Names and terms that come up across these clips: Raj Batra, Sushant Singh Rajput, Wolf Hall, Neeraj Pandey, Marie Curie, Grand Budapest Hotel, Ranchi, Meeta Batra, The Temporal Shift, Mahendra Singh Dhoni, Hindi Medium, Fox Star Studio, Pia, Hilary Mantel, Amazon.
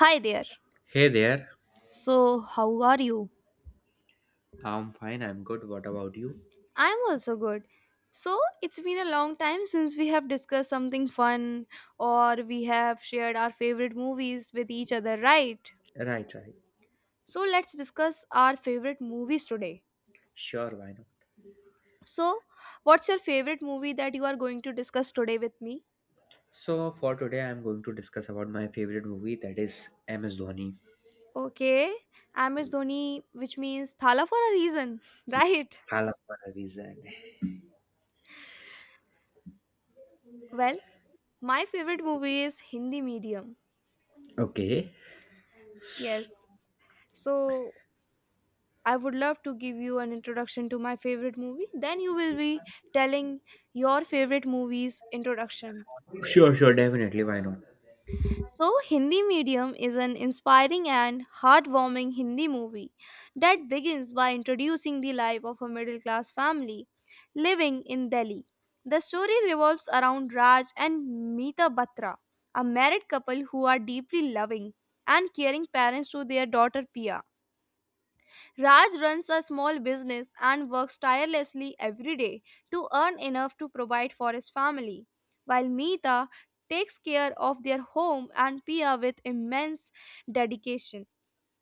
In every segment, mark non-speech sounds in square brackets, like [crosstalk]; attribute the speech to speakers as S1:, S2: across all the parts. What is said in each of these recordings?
S1: Hi there.
S2: Hey there.
S1: So, how are you?
S2: I'm fine. I'm good. What about you?
S1: I'm also good. So, it's been a long time since we have discussed something fun or we have shared our favorite movies with each other, right?
S2: Right, right.
S1: So, let's discuss our favorite movies today.
S2: Sure, why not?
S1: So, what's your favorite movie that you are going to discuss today with me?
S2: So for today, I'm going to discuss about my favorite movie that is MS Dhoni.
S1: Okay, I'm Miss Dhoni, which means Thala for a reason, [laughs] right?
S2: I love for a reason.
S1: Well, my favorite movie is Hindi medium.
S2: Okay.
S1: Yes. So, I would love to give you an introduction to my favorite movie. Then you will be telling your favorite movie's introduction.
S2: Sure. Definitely. Why not?
S1: So, Hindi Medium is an inspiring and heartwarming Hindi movie that begins by introducing the life of a middle class family living in Delhi. The story revolves around Raj and Meeta Batra, a married couple who are deeply loving and caring parents to their daughter Pia. Raj runs a small business and works tirelessly every day to earn enough to provide for his family, while Meeta takes care of their home and Pia with immense dedication.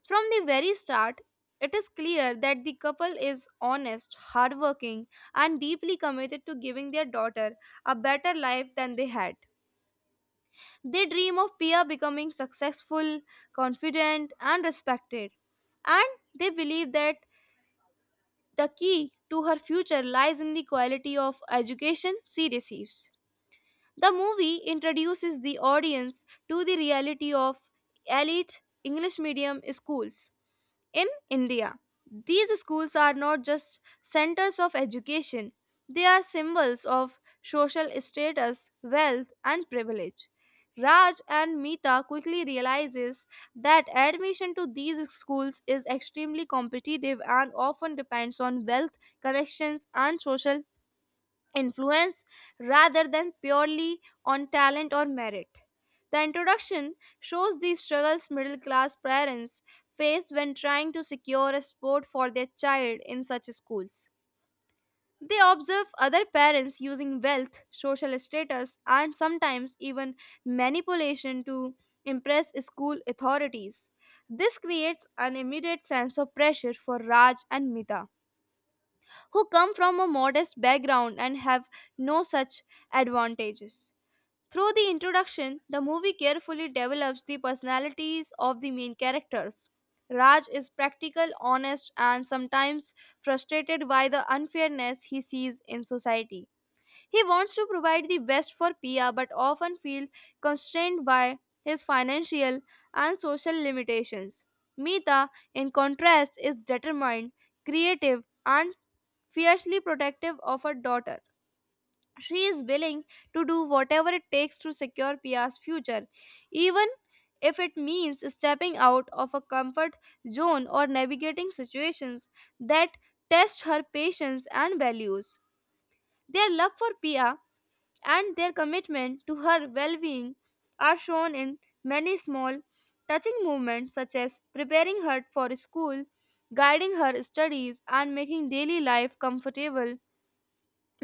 S1: From the very start, it is clear that the couple is honest, hardworking, and deeply committed to giving their daughter a better life than they had. They dream of Pia becoming successful, confident, and respected, and they believe that the key to her future lies in the quality of education she receives. The movie introduces the audience to the reality of elite English medium schools in India. These schools are not just centers of education, they are symbols of social status, wealth, and privilege. Raj and Meeta quickly realizes that admission to these schools is extremely competitive and often depends on wealth, connections, and social influence rather than purely on talent or merit. The introduction shows the struggles middle class parents faced when trying to secure a sport for their child in such schools. They observe other parents using wealth, social status, and sometimes even manipulation to impress school authorities. This creates an immediate sense of pressure for Raj and Mita, who come from a modest background and have no such advantages. Through the introduction, the movie carefully develops the personalities of the main characters. Raj is practical, honest, and sometimes frustrated by the unfairness he sees in society. He wants to provide the best for Pia but often feels constrained by his financial and social limitations. Mita, in contrast, is determined, creative, and fiercely protective of her daughter. She is willing to do whatever it takes to secure Pia's future, even if it means stepping out of a comfort zone or navigating situations that test her patience and values. Their love for Pia and their commitment to her well being are shown in many small, touching movements such as preparing her for school, guiding her studies, and making daily life comfortable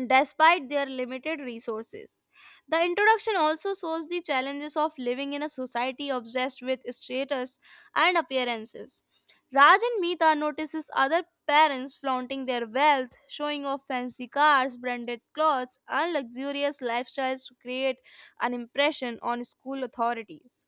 S1: despite their limited resources. The introduction also shows the challenges of living in a society obsessed with status and appearances. Raj and Meeta notices other parents flaunting their wealth, showing off fancy cars, branded clothes, and luxurious lifestyles to create an impression on school authorities.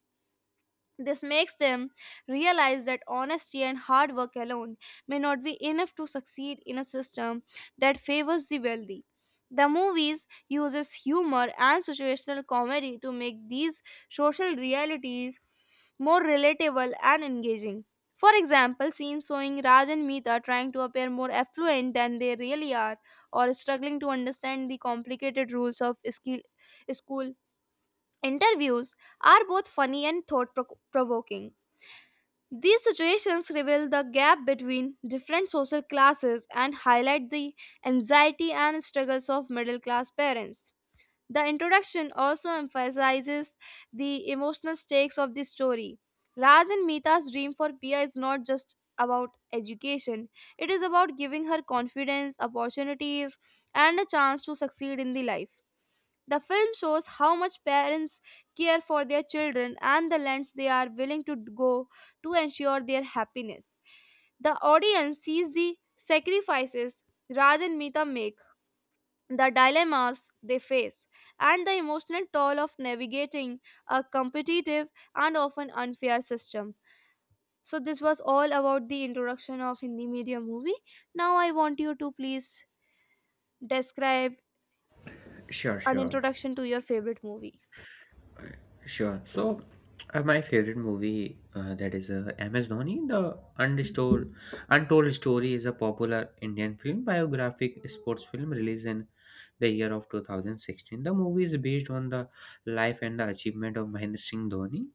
S1: This makes them realize that honesty and hard work alone may not be enough to succeed in a system that favors the wealthy. The movies uses humor and situational comedy to make these social realities more relatable and engaging. For example, scenes showing Raj and Meeta trying to appear more affluent than they really are, or struggling to understand the complicated rules of school interviews, are both funny and thought provoking. These situations reveal the gap between different social classes and highlight the anxiety and struggles of middle class parents. The introduction also emphasizes the emotional stakes of the story. Raj and Meeta's dream for Pia is not just about education, it is about giving her confidence, opportunities, and a chance to succeed in the life. The film shows how much parents care for their children and the lengths they are willing to go to ensure their happiness. The audience sees the sacrifices Raj and Meeta make, the dilemmas they face, and the emotional toll of navigating a competitive and often unfair system. So, this was all about the introduction of Hindi Media movie. Now, I want you to please describe
S2: Sure,
S1: an
S2: sure.
S1: introduction to your favorite movie.
S2: Sure. So, my favorite movie that is MS Dhoni, Untold Story, is a popular Indian film biographic sports film released in the year of 2016. The movie is based on the life and the achievement of Mahendra Singh Dhoni,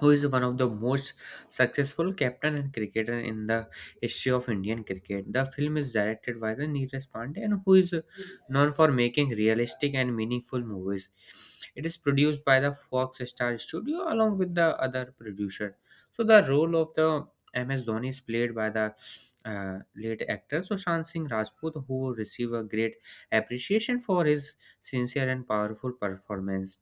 S2: who is one of the most successful captain and cricketer in the history of Indian cricket. The film is directed by the Neeraj Pandey, and who is known for making realistic and meaningful movies. It is produced by the Fox Star Studio along with the other producer. So the role of the MS Dhoni is played by the late actor Sushant Singh Rajput, who received a great appreciation for his sincere and powerful performance.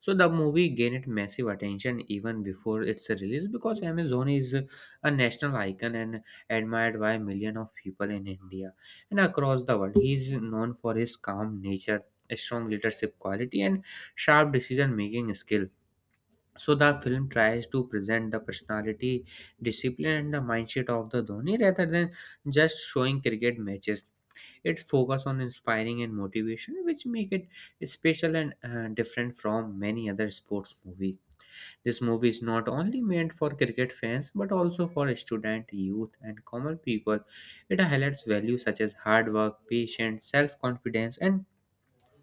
S2: So the movie gained massive attention even before its release because Amazon is a national icon and admired by millions of people in India and across the world. He is known for his calm nature, strong leadership quality, and sharp decision-making skill. So the film tries to present the personality, discipline, and the mindset of the Dhoni rather than just showing cricket matches. It focuses on inspiring and motivation, which make it special and different from many other sports movie. This movie is not only meant for cricket fans but also for student, youth, and common people. It highlights values such as hard work, patience, self-confidence, and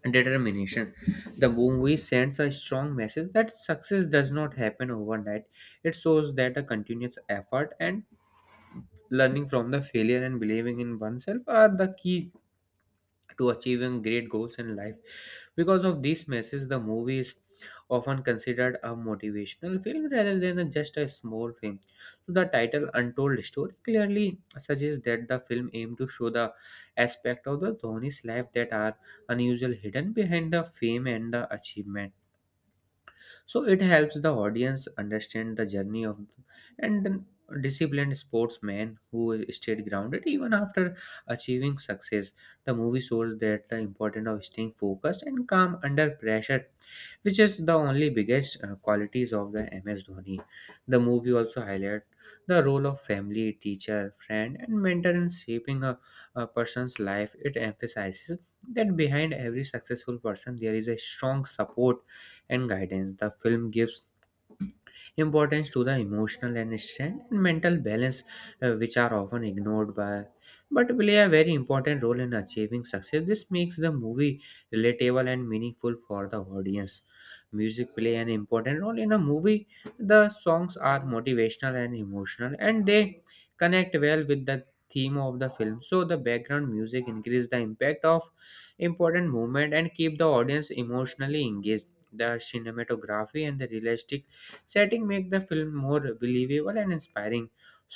S2: determination. The movie sends a strong message that success does not happen overnight. It shows that a continuous effort and learning from the failure and believing in oneself are the key to achieving great goals in life. Because of this message, the movie is often considered a motivational film rather than just a small film. So the title Untold Story clearly suggests that the film aimed to show the aspect of the Dhoni's life that are unusual hidden behind the fame and the achievement, so it helps the audience understand the journey of and then disciplined sportsman who stayed grounded even after achieving success. The movie shows that the importance of staying focused and calm under pressure, which is the only biggest qualities of the MS Dhoni. The movie also highlights the role of family, teacher, friend, and mentor in shaping a person's life. It emphasizes that behind every successful person there is a strong support and guidance. The film gives importance to the emotional and strength and mental balance, which are often ignored by but play a very important role in achieving success. This makes the movie relatable and meaningful for the audience. Music play an important role in a movie. The songs are motivational and emotional, and they connect well with the theme of the film. So the background music increase the impact of important movement and keep the audience emotionally engaged. The cinematography and the realistic setting make the film more believable and inspiring.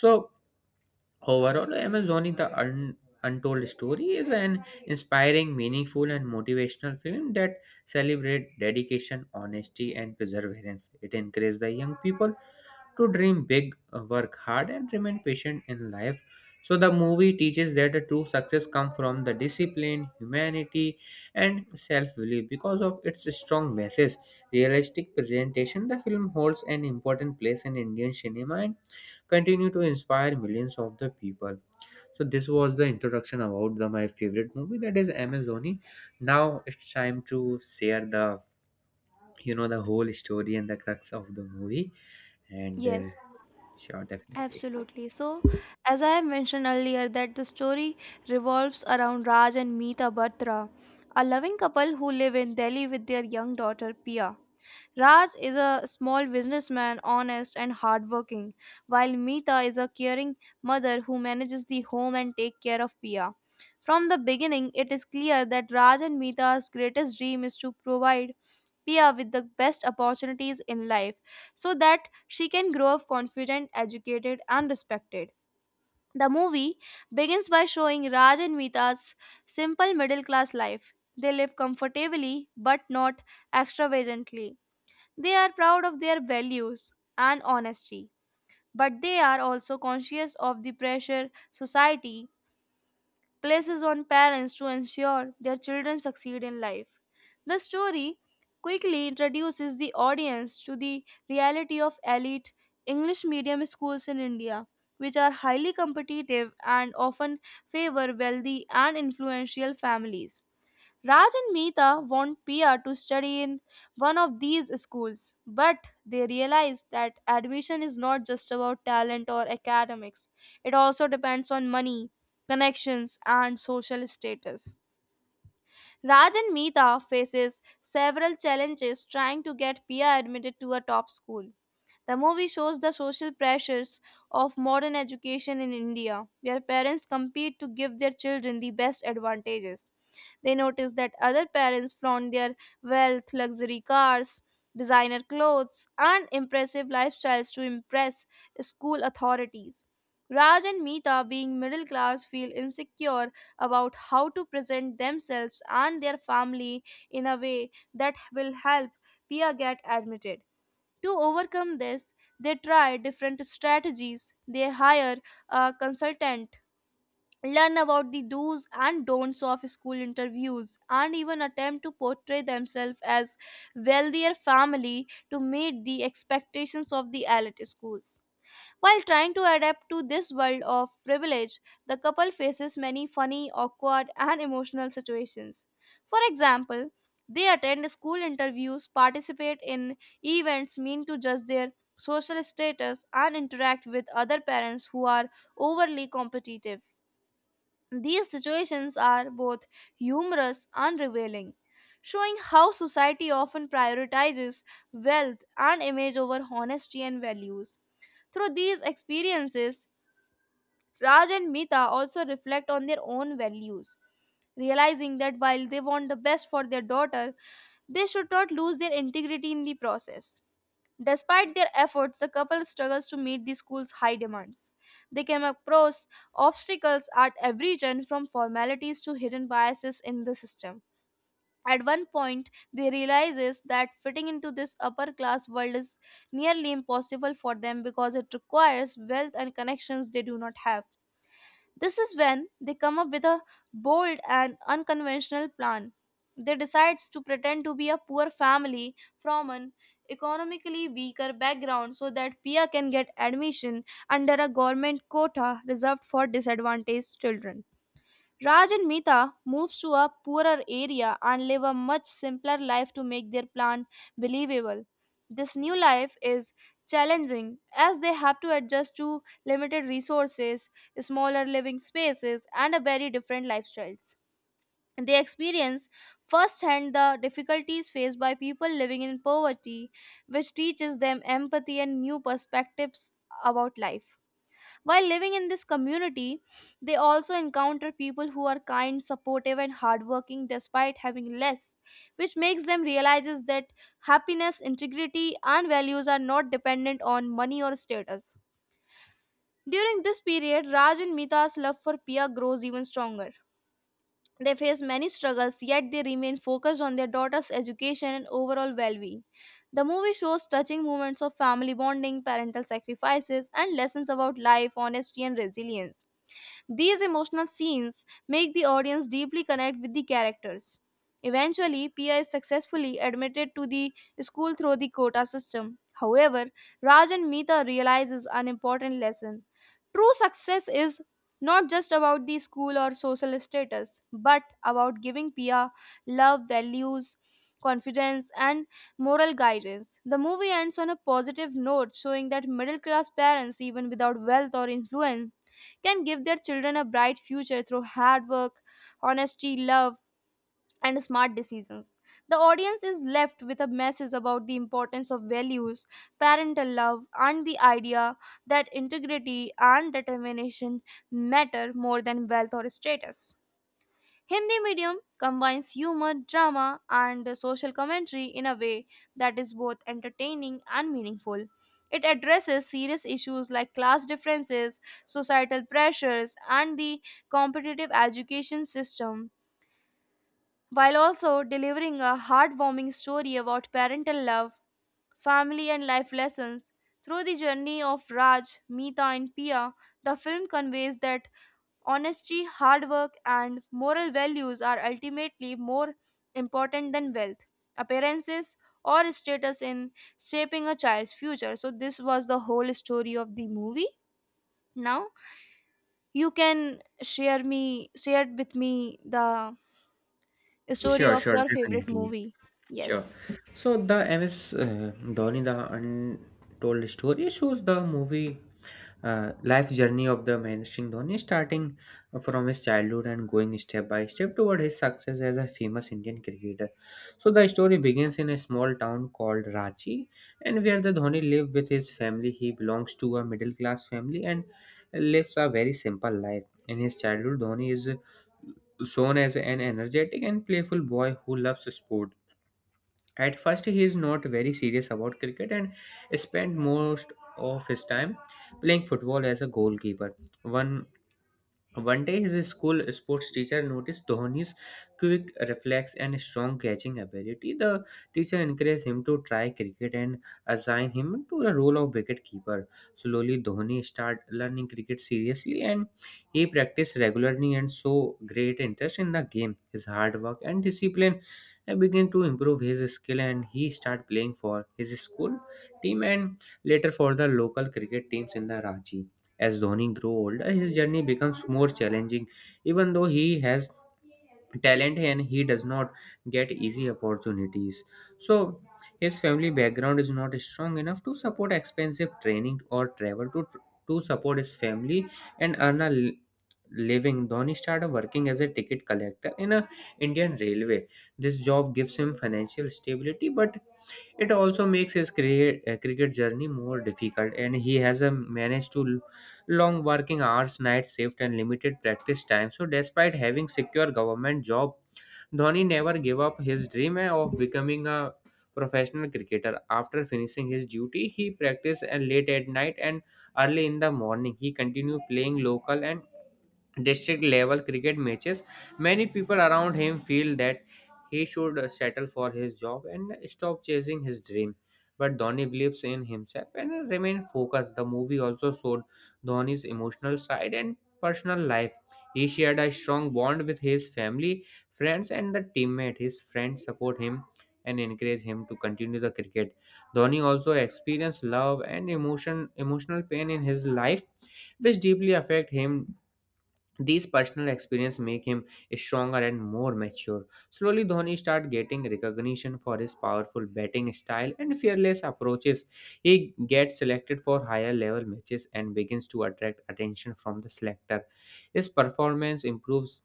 S2: So overall, amazoni untold story is an inspiring, meaningful, and motivational film that celebrates dedication, honesty, and perseverance. It encourages the young people to dream big, work hard, and remain patient in life. So the movie teaches that the true success comes from the discipline, humanity, and self-belief. Because of its strong message, realistic presentation, the film holds an important place in Indian cinema and continue to inspire millions of the people. So this was the introduction about the my favorite movie that is MS Dhoni. Now it's time to share the the whole story and the crux of the movie and
S1: Yes.
S2: Sure, definitely.
S1: Absolutely. So, as I have mentioned earlier, that the story revolves around Raj and Meeta Batra, a loving couple who live in Delhi with their young daughter Pia. Raj is a small businessman, honest and hardworking, while Meeta is a caring mother who manages the home and take care of Pia. From the beginning, it is clear that Raj and Meeta's greatest dream is to provide Pia with the best opportunities in life so that she can grow up confident, educated, and respected. The movie begins by showing Raj and Meeta's simple middle class life. They live comfortably but not extravagantly. They are proud of their values and honesty, but they are also conscious of the pressure society places on parents to ensure their children succeed in life. The story quickly introduces the audience to the reality of elite English medium schools in India, which are highly competitive and often favor wealthy and influential families. Raj and Meeta want Pia to study in one of these schools, but they realize that admission is not just about talent or academics. It also depends on money, connections, and social status. Raj and Meeta faces several challenges trying to get Pia admitted to a top school. The movie shows the social pressures of modern education in India, where parents compete to give their children the best advantages. They notice that other parents flaunt their wealth, luxury cars, designer clothes, and impressive lifestyles to impress school authorities. Raj and Meeta, being middle class, feel insecure about how to present themselves and their family in a way that will help Pia get admitted. To overcome this, they try different strategies. They hire a consultant, learn about the do's and don'ts of school interviews, and even attempt to portray themselves as wealthier family to meet the expectations of the elite schools. While trying to adapt to this world of privilege, the couple faces many funny, awkward, and emotional situations. For example, they attend school interviews, participate in events meant to judge their social status, and interact with other parents who are overly competitive. These situations are both humorous and revealing, showing how society often prioritizes wealth and image over honesty and values. Through these experiences, Raj and Mita also reflect on their own values, realizing that while they want the best for their daughter, they should not lose their integrity in the process. Despite their efforts, the couple struggles to meet the school's high demands. They came across obstacles at every turn, from formalities to hidden biases in the system. At one point, they realizes that fitting into this upper class world is nearly impossible for them because it requires wealth and connections they do not have. This is when they come up with a bold and unconventional plan. They decide to pretend to be a poor family from an economically weaker background so that Pia can get admission under a government quota reserved for disadvantaged children. Raj and Meeta moves to a poorer area and live a much simpler life to make their plan believable. This new life is challenging, as they have to adjust to limited resources, smaller living spaces, and a very different lifestyles. They experience firsthand the difficulties faced by people living in poverty, which teaches them empathy and new perspectives about life. While living in this community, they also encounter people who are kind, supportive, and hardworking despite having less, which makes them realize that happiness, integrity, and values are not dependent on money or status. During this period, Raj and Mita's love for Pia grows even stronger. They face many struggles, yet they remain focused on their daughter's education and overall well being. The movie shows touching moments of family bonding, parental sacrifices, and lessons about life, honesty, and resilience. These emotional scenes make the audience deeply connect with the characters. Eventually, Pia is successfully admitted to the school through the quota system. However, Raj and Meeta realizes an important lesson. True success is not just about the school or social status, but about giving Pia love, values, confidence, and moral guidance. The movie ends on a positive note, showing that middle class parents, even without wealth or influence, can give their children a bright future through hard work, honesty, love, and smart decisions. The audience is left with a message about the importance of values, parental love, and the idea that integrity and determination matter more than wealth or status. Hindi medium combines humor, drama, and social commentary in a way that is both entertaining and meaningful. It addresses serious issues like class differences, societal pressures, and the competitive education system, while also delivering a heartwarming story about parental love, family, and life lessons. Through the journey of Raj, Meeta, and Pia, the film conveys that honesty, hard work, and moral values are ultimately more important than wealth, appearances, or status in shaping a child's future. So, this was the whole story of the movie. Now, you can share with me the story of
S2: Sure,
S1: your favorite
S2: definitely.
S1: movie.
S2: Sure.
S1: Yes.
S2: So the MS Dhoni, the untold story shows the movie life journey of the Mahendra Singh Dhoni, starting from his childhood and going step by step toward his success as a famous Indian cricketer. So the story begins in a small town called Ranchi, and where the Dhoni lived with his family. He belongs to a middle class family and lives a very simple life. In his childhood, Dhoni is shown as an energetic and playful boy who loves sport at first, he is not very serious about cricket and spent most of his time playing football as a goalkeeper. One One day, his school sports teacher noticed Dhoni's quick reflex and strong catching ability. The teacher encouraged him to try cricket and assigned him to the role of wicketkeeper. Slowly, Dhoni started learning cricket seriously, and he practiced regularly and so great interest in the game. His hard work and discipline began to improve his skill, and he started playing for his school team and later for the local cricket teams in the Ranchi. As Dhoni grew older, his journey becomes more challenging. Even though he has talent, and he does not get easy opportunities. So his family background is not strong enough to support expensive training or travel to support his family and earn a living. Dhoni started working as a ticket collector in a Indian railway. This job gives him financial stability, but it also makes his cricket journey more difficult, and he has managed to long working hours, night shift, and limited practice time. So, despite having secure government job, Dhoni never gave up his dream of becoming a professional cricketer. After finishing his duty, he practiced and late at night and early in the morning. He continued playing local and district level cricket matches. Many people around him feel that he should settle for his job and stop chasing his dream, but Dhoni believes in himself and remain focused. The movie also showed Dhoni's emotional side and personal life. He shared a strong bond with his family, friends, and the teammate. His friends support him and encourage him to continue the cricket. Dhoni also experienced love and emotional pain in his life, which deeply affect him. These personal experience make him stronger and more mature. Slowly, Dhoni started getting recognition for his powerful batting style and fearless approaches. He gets selected for higher level matches and begins to attract attention from the selector. His performance improves,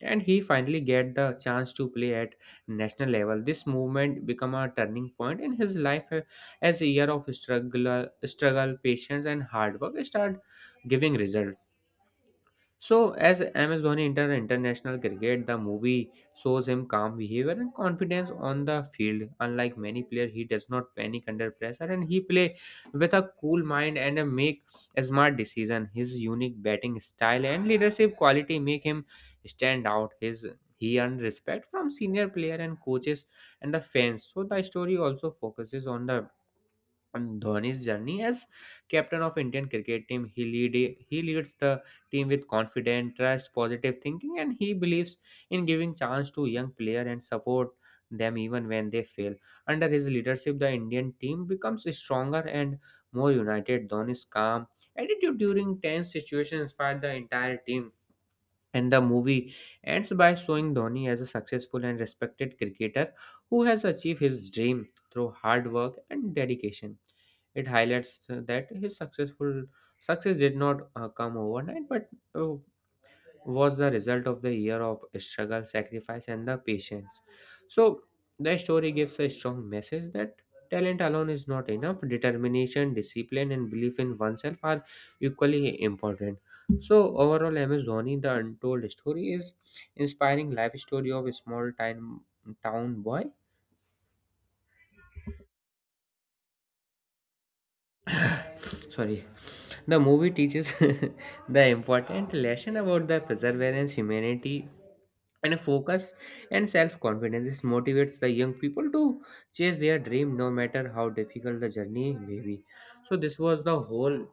S2: and he finally get the chance to play at national level. This movement become a turning point in his life, as a year of struggle, patience, and hard work start giving result. So, as Amazon enter international cricket, the movie shows him calm behavior and confidence on the field. Unlike many players, he does not panic under pressure, and he play with a cool mind and a make a smart decision. His unique batting style and leadership quality make him stand out. His He earned respect from senior player and coaches and the fans. So the story also focuses on the on Dhoni's journey as captain of Indian cricket team. He leads the team with confidence, trust, positive thinking, and he believes in giving chance to young player and support them even when they fail. Under his leadership, the Indian team becomes stronger and more united. Dhoni's calm attitude during tense situation inspired the entire team, and the movie ends by showing Dhoni as a successful and respected cricketer who has achieved his dream through hard work and dedication. It highlights that his success did not come overnight, but was the result of the year of struggle, sacrifice, and the patience. So, the story gives a strong message that talent alone is not enough. Determination, discipline, and belief in oneself are equally important. So, overall, MS Dhoni, the untold story, is inspiring life story of a small time town boy [laughs] Sorry. The movie teaches [laughs] the important lesson about the perseverance, humanity, and focus and self-confidence. This motivates the young people to chase their dream no matter how difficult the journey may be. So this was the whole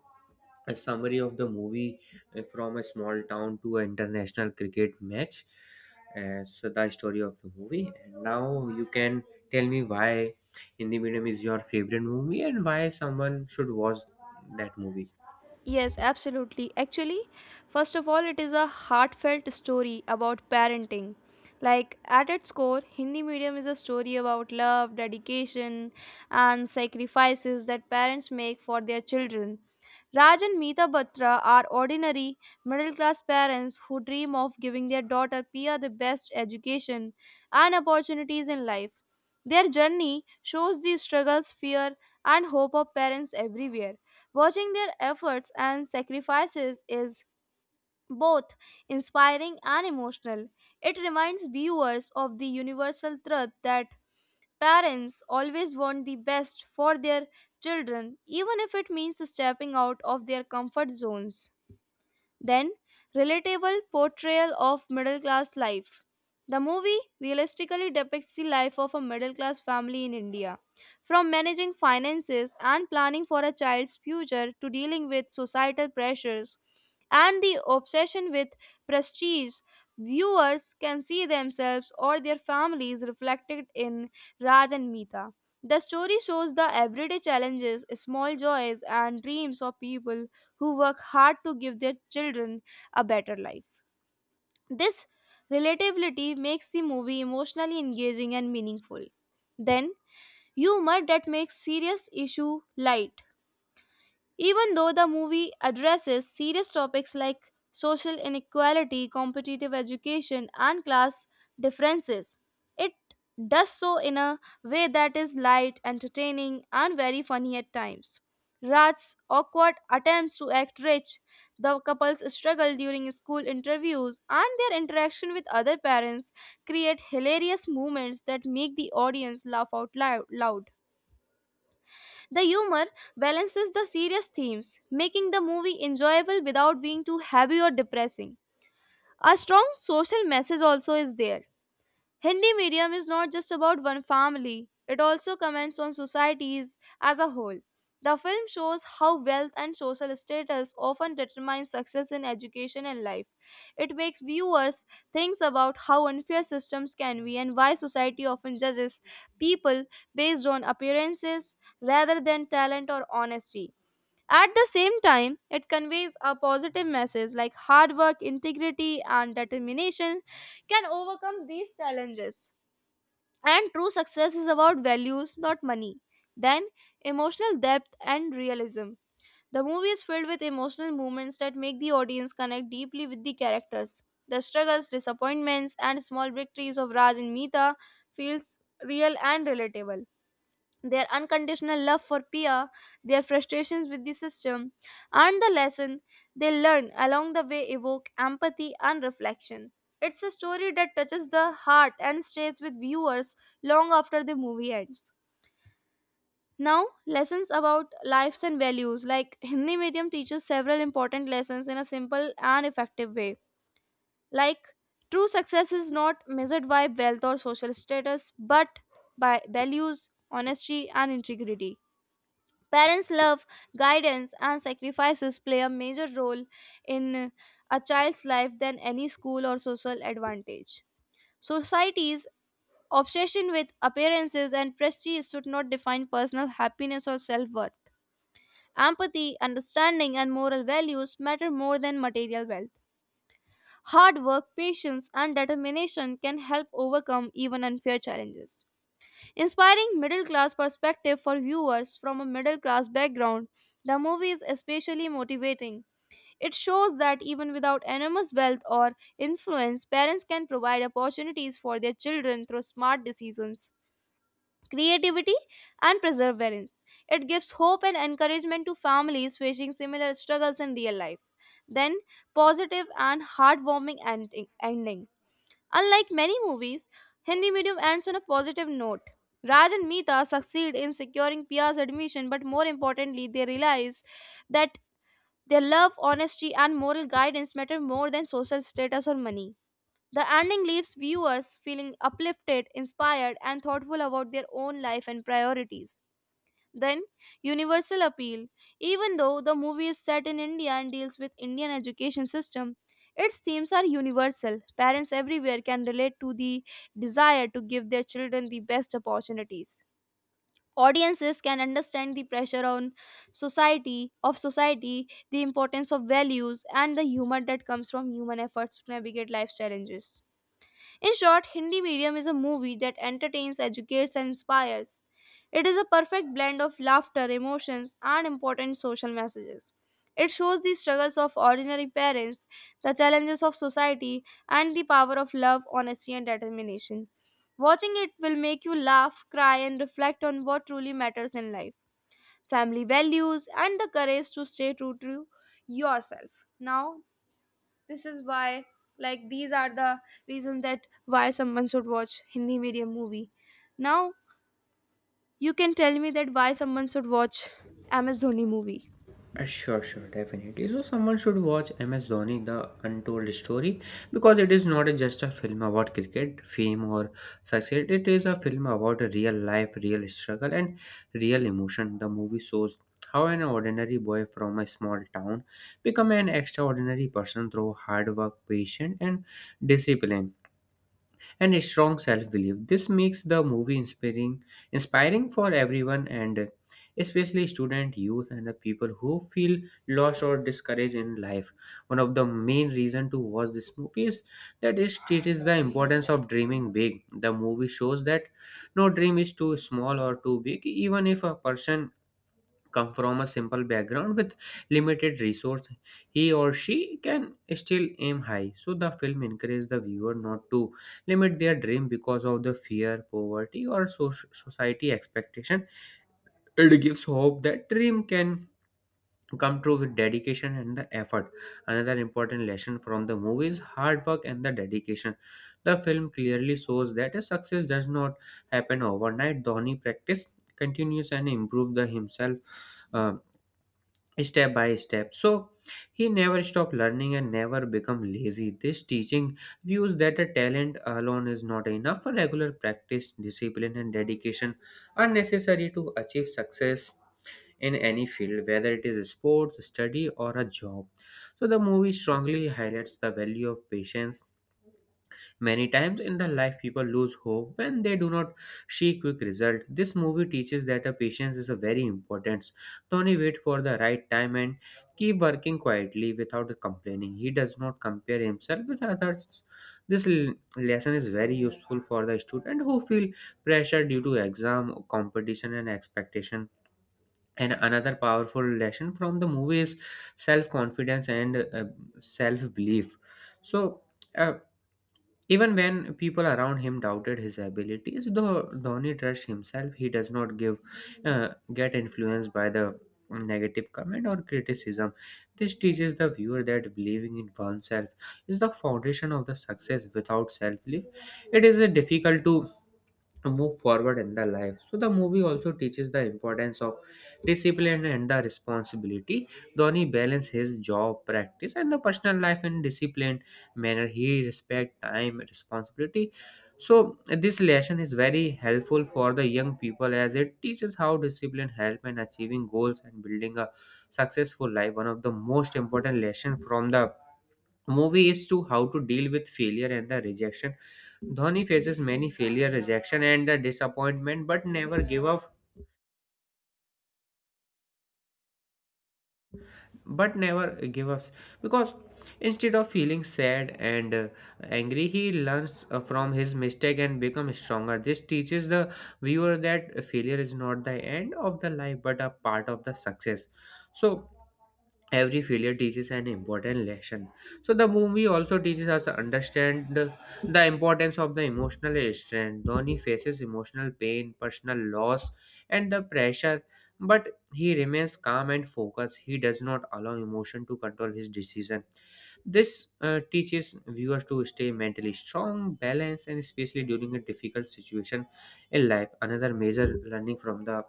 S2: a summary of the movie, from a small town to an international cricket match as the story of the movie. And now you can tell me why Hindi Medium is your favorite movie and why someone should watch that movie.
S1: Yes, absolutely. Actually, first of all, it is a heartfelt story about parenting. Like, at its core, Hindi medium is a story about love, dedication, and sacrifices that parents make for their children. Raj and Meeta Batra are ordinary middle class parents who dream of giving their daughter Pia the best education and opportunities in life. Their journey shows the struggles, fear, and hope of parents everywhere. Watching their efforts and sacrifices is both inspiring and emotional. It reminds viewers of the universal truth that parents always want the best for their children, even if it means stepping out of their comfort zones. Then, relatable portrayal of middle class life. The movie realistically depicts the life of a middle class family in India, from managing finances and planning for a child's future to dealing with societal pressures and the obsession with prestige. Viewers can see themselves or their families reflected in Raj and Meeta. The story shows the everyday challenges, small joys, and dreams of people who work hard to give their children a better life. This relatability makes the movie emotionally engaging and meaningful. Then, humor that makes serious issue light. Even though the movie addresses serious topics like social inequality, competitive education, and class differences, it does so in a way that is light, entertaining, and very funny at times. Raj's awkward attempts to act rich, the couple's struggle during school interviews, and their interaction with other parents create hilarious moments that make the audience laugh out loud. The humor balances the serious themes, making the movie enjoyable without being too heavy or depressing. A strong social message also is there. Hindi medium is not just about one family, it also comments on societies as a whole. The film shows how wealth and social status often determine success in education and life. It makes viewers think about how unfair systems can be and why society often judges people based on appearances rather than talent or honesty. At the same time, it conveys a positive message like hard work, integrity, and determination can overcome these challenges. And true success is about values, not money. Then, emotional depth and realism. The movie is filled with emotional moments that make the audience connect deeply with the characters. The struggles, disappointments, and small victories of Raj and Meeta feels real and relatable. Their unconditional love for Pia, their frustrations with the system, and the lesson they learn along the way evoke empathy and reflection. It's a story that touches the heart and stays with viewers long after the movie ends. Now, lessons about lives and values. Like Hindi medium teaches several important lessons in a simple and effective way. Like true success is not measured by wealth or social status, but by values, honesty, and integrity. Parents' love, guidance, and sacrifices play a major role in a child's life than any school or social advantage. Society's obsession with appearances and prestige should not define personal happiness or self worth. Empathy, understanding, and moral values matter more than material wealth. Hard work, patience, and determination can help overcome even unfair challenges. Inspiring middle class perspective for viewers from a middle class background, the movie is especially motivating. It shows that even without enormous wealth or influence, parents can provide opportunities for their children through smart decisions, creativity, and perseverance. It gives hope and encouragement to families facing similar struggles in real life. Then, positive and heartwarming ending. Unlike many movies, Hindi medium ends on a positive note. Raj and Meeta succeed in securing Pia's admission, but more importantly, they realize that their love, honesty, and moral guidance matter more than social status or money. The ending leaves viewers feeling uplifted, inspired, and thoughtful about their own life and priorities. Then universal appeal. Even though the movie is set in India and deals with Indian education system, its themes are universal. Parents everywhere can relate to the desire to give their children the best opportunities. Audiences can understand the pressure on society, the importance of values and the humor that comes from human efforts to navigate life's challenges. In short, Hindi Medium is a movie that entertains, educates, and inspires. It is a perfect blend of laughter, emotions, and important social messages. It shows the struggles of ordinary parents, the challenges of society, and the power of love, honesty, and determination. Watching it will make you laugh, cry, and reflect on what truly matters in life, family values, and the courage to stay true to yourself. Now, this is why, like, these are the reasons that why someone should watch hindi medium movie. Now you can tell me that why someone should watch ms dhoni movie.
S2: Sure, definitely. So, someone should watch MS Dhoni, The Untold Story, because it is not just a film about cricket, fame, or success. It is a film about a real life, real struggle, and real emotion. The movie shows how an ordinary boy from a small town become an extraordinary person through hard work, patience, and discipline and a strong self-belief. This makes the movie inspiring for everyone and especially student, youth, and the people who feel lost or discouraged in life. One of the main reason to watch this movie is that it teaches the importance of dreaming big. The movie shows that no dream is too small or too big, even if a person come from a simple background with limited resource, he or she can still aim high. So the film encourages the viewer not to limit their dream because of the fear poverty or society expectation. It gives hope that dream can come true with dedication and the effort. Another important lesson from the movie is hard work and the dedication. The film clearly shows that a success does not happen overnight. Dhoni practiced continues and improved the himself, uh, step by step, so he never stopped learning and never become lazy. This teaching views that a talent alone is not enough. A regular practice, discipline, and dedication are necessary to achieve success in any field, whether it is sports, study, or a job. So the movie strongly highlights the value of patience. Many times in the life, people lose hope when they do not see quick result. This movie teaches that a patience is a very important. Tony wait for the right time and keep working quietly without complaining. He does not compare himself with others. This lesson is very useful for the student who feel pressure due to exam, competition, and expectation. And another powerful lesson from the movie is self confidence and self belief. So. Uh, Even when people around him doubted his abilities, though Dhoni trusts himself, he does not give get influenced by the negative comment or criticism. This teaches the viewer that believing in oneself is the foundation of the success. Without self-belief, it is difficult to move forward in the life. So the movie also teaches the importance of discipline and the responsibility. Dhoni balance his job, practice, and the personal life in disciplined manner. He respect time, responsibility. So this lesson is very helpful for the young people, as it teaches how discipline help in achieving goals and building a successful life. One of the most important lesson from the movie is to how to deal with failure and the rejection. Dhoni faces many failure, rejection, and the disappointment, but never give up. But never give up because instead of feeling sad and angry, he learns from his mistake and becomes stronger. This teaches the viewer that failure is not the end of the life, but a part of the success. So every failure teaches an important lesson. So the movie also teaches us to understand the importance of the emotional strength. Dhoni faces emotional pain, personal loss, and the pressure, but he remains calm and focused. He does not allow emotion to control his decision. This teaches viewers to stay mentally strong, balanced, and especially during a difficult situation in life. Another major learning from the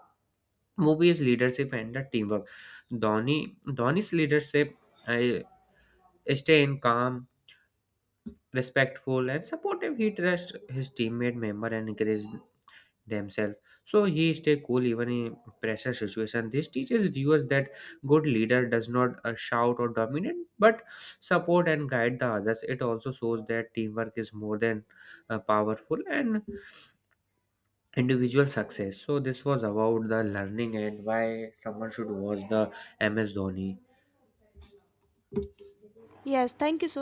S2: movie is leadership and the teamwork. Dhoni's leadership, I staying calm, respectful, and supportive. He trusts his teammate member and encourages themselves. So he stay cool even in pressure situation. This teaches viewers that good leader does not shout or dominate, but support and guide the others. It also shows that teamwork is more than powerful and individual success. So this was about the learning and why someone should watch the MS Dhoni.
S1: Yes, thank you so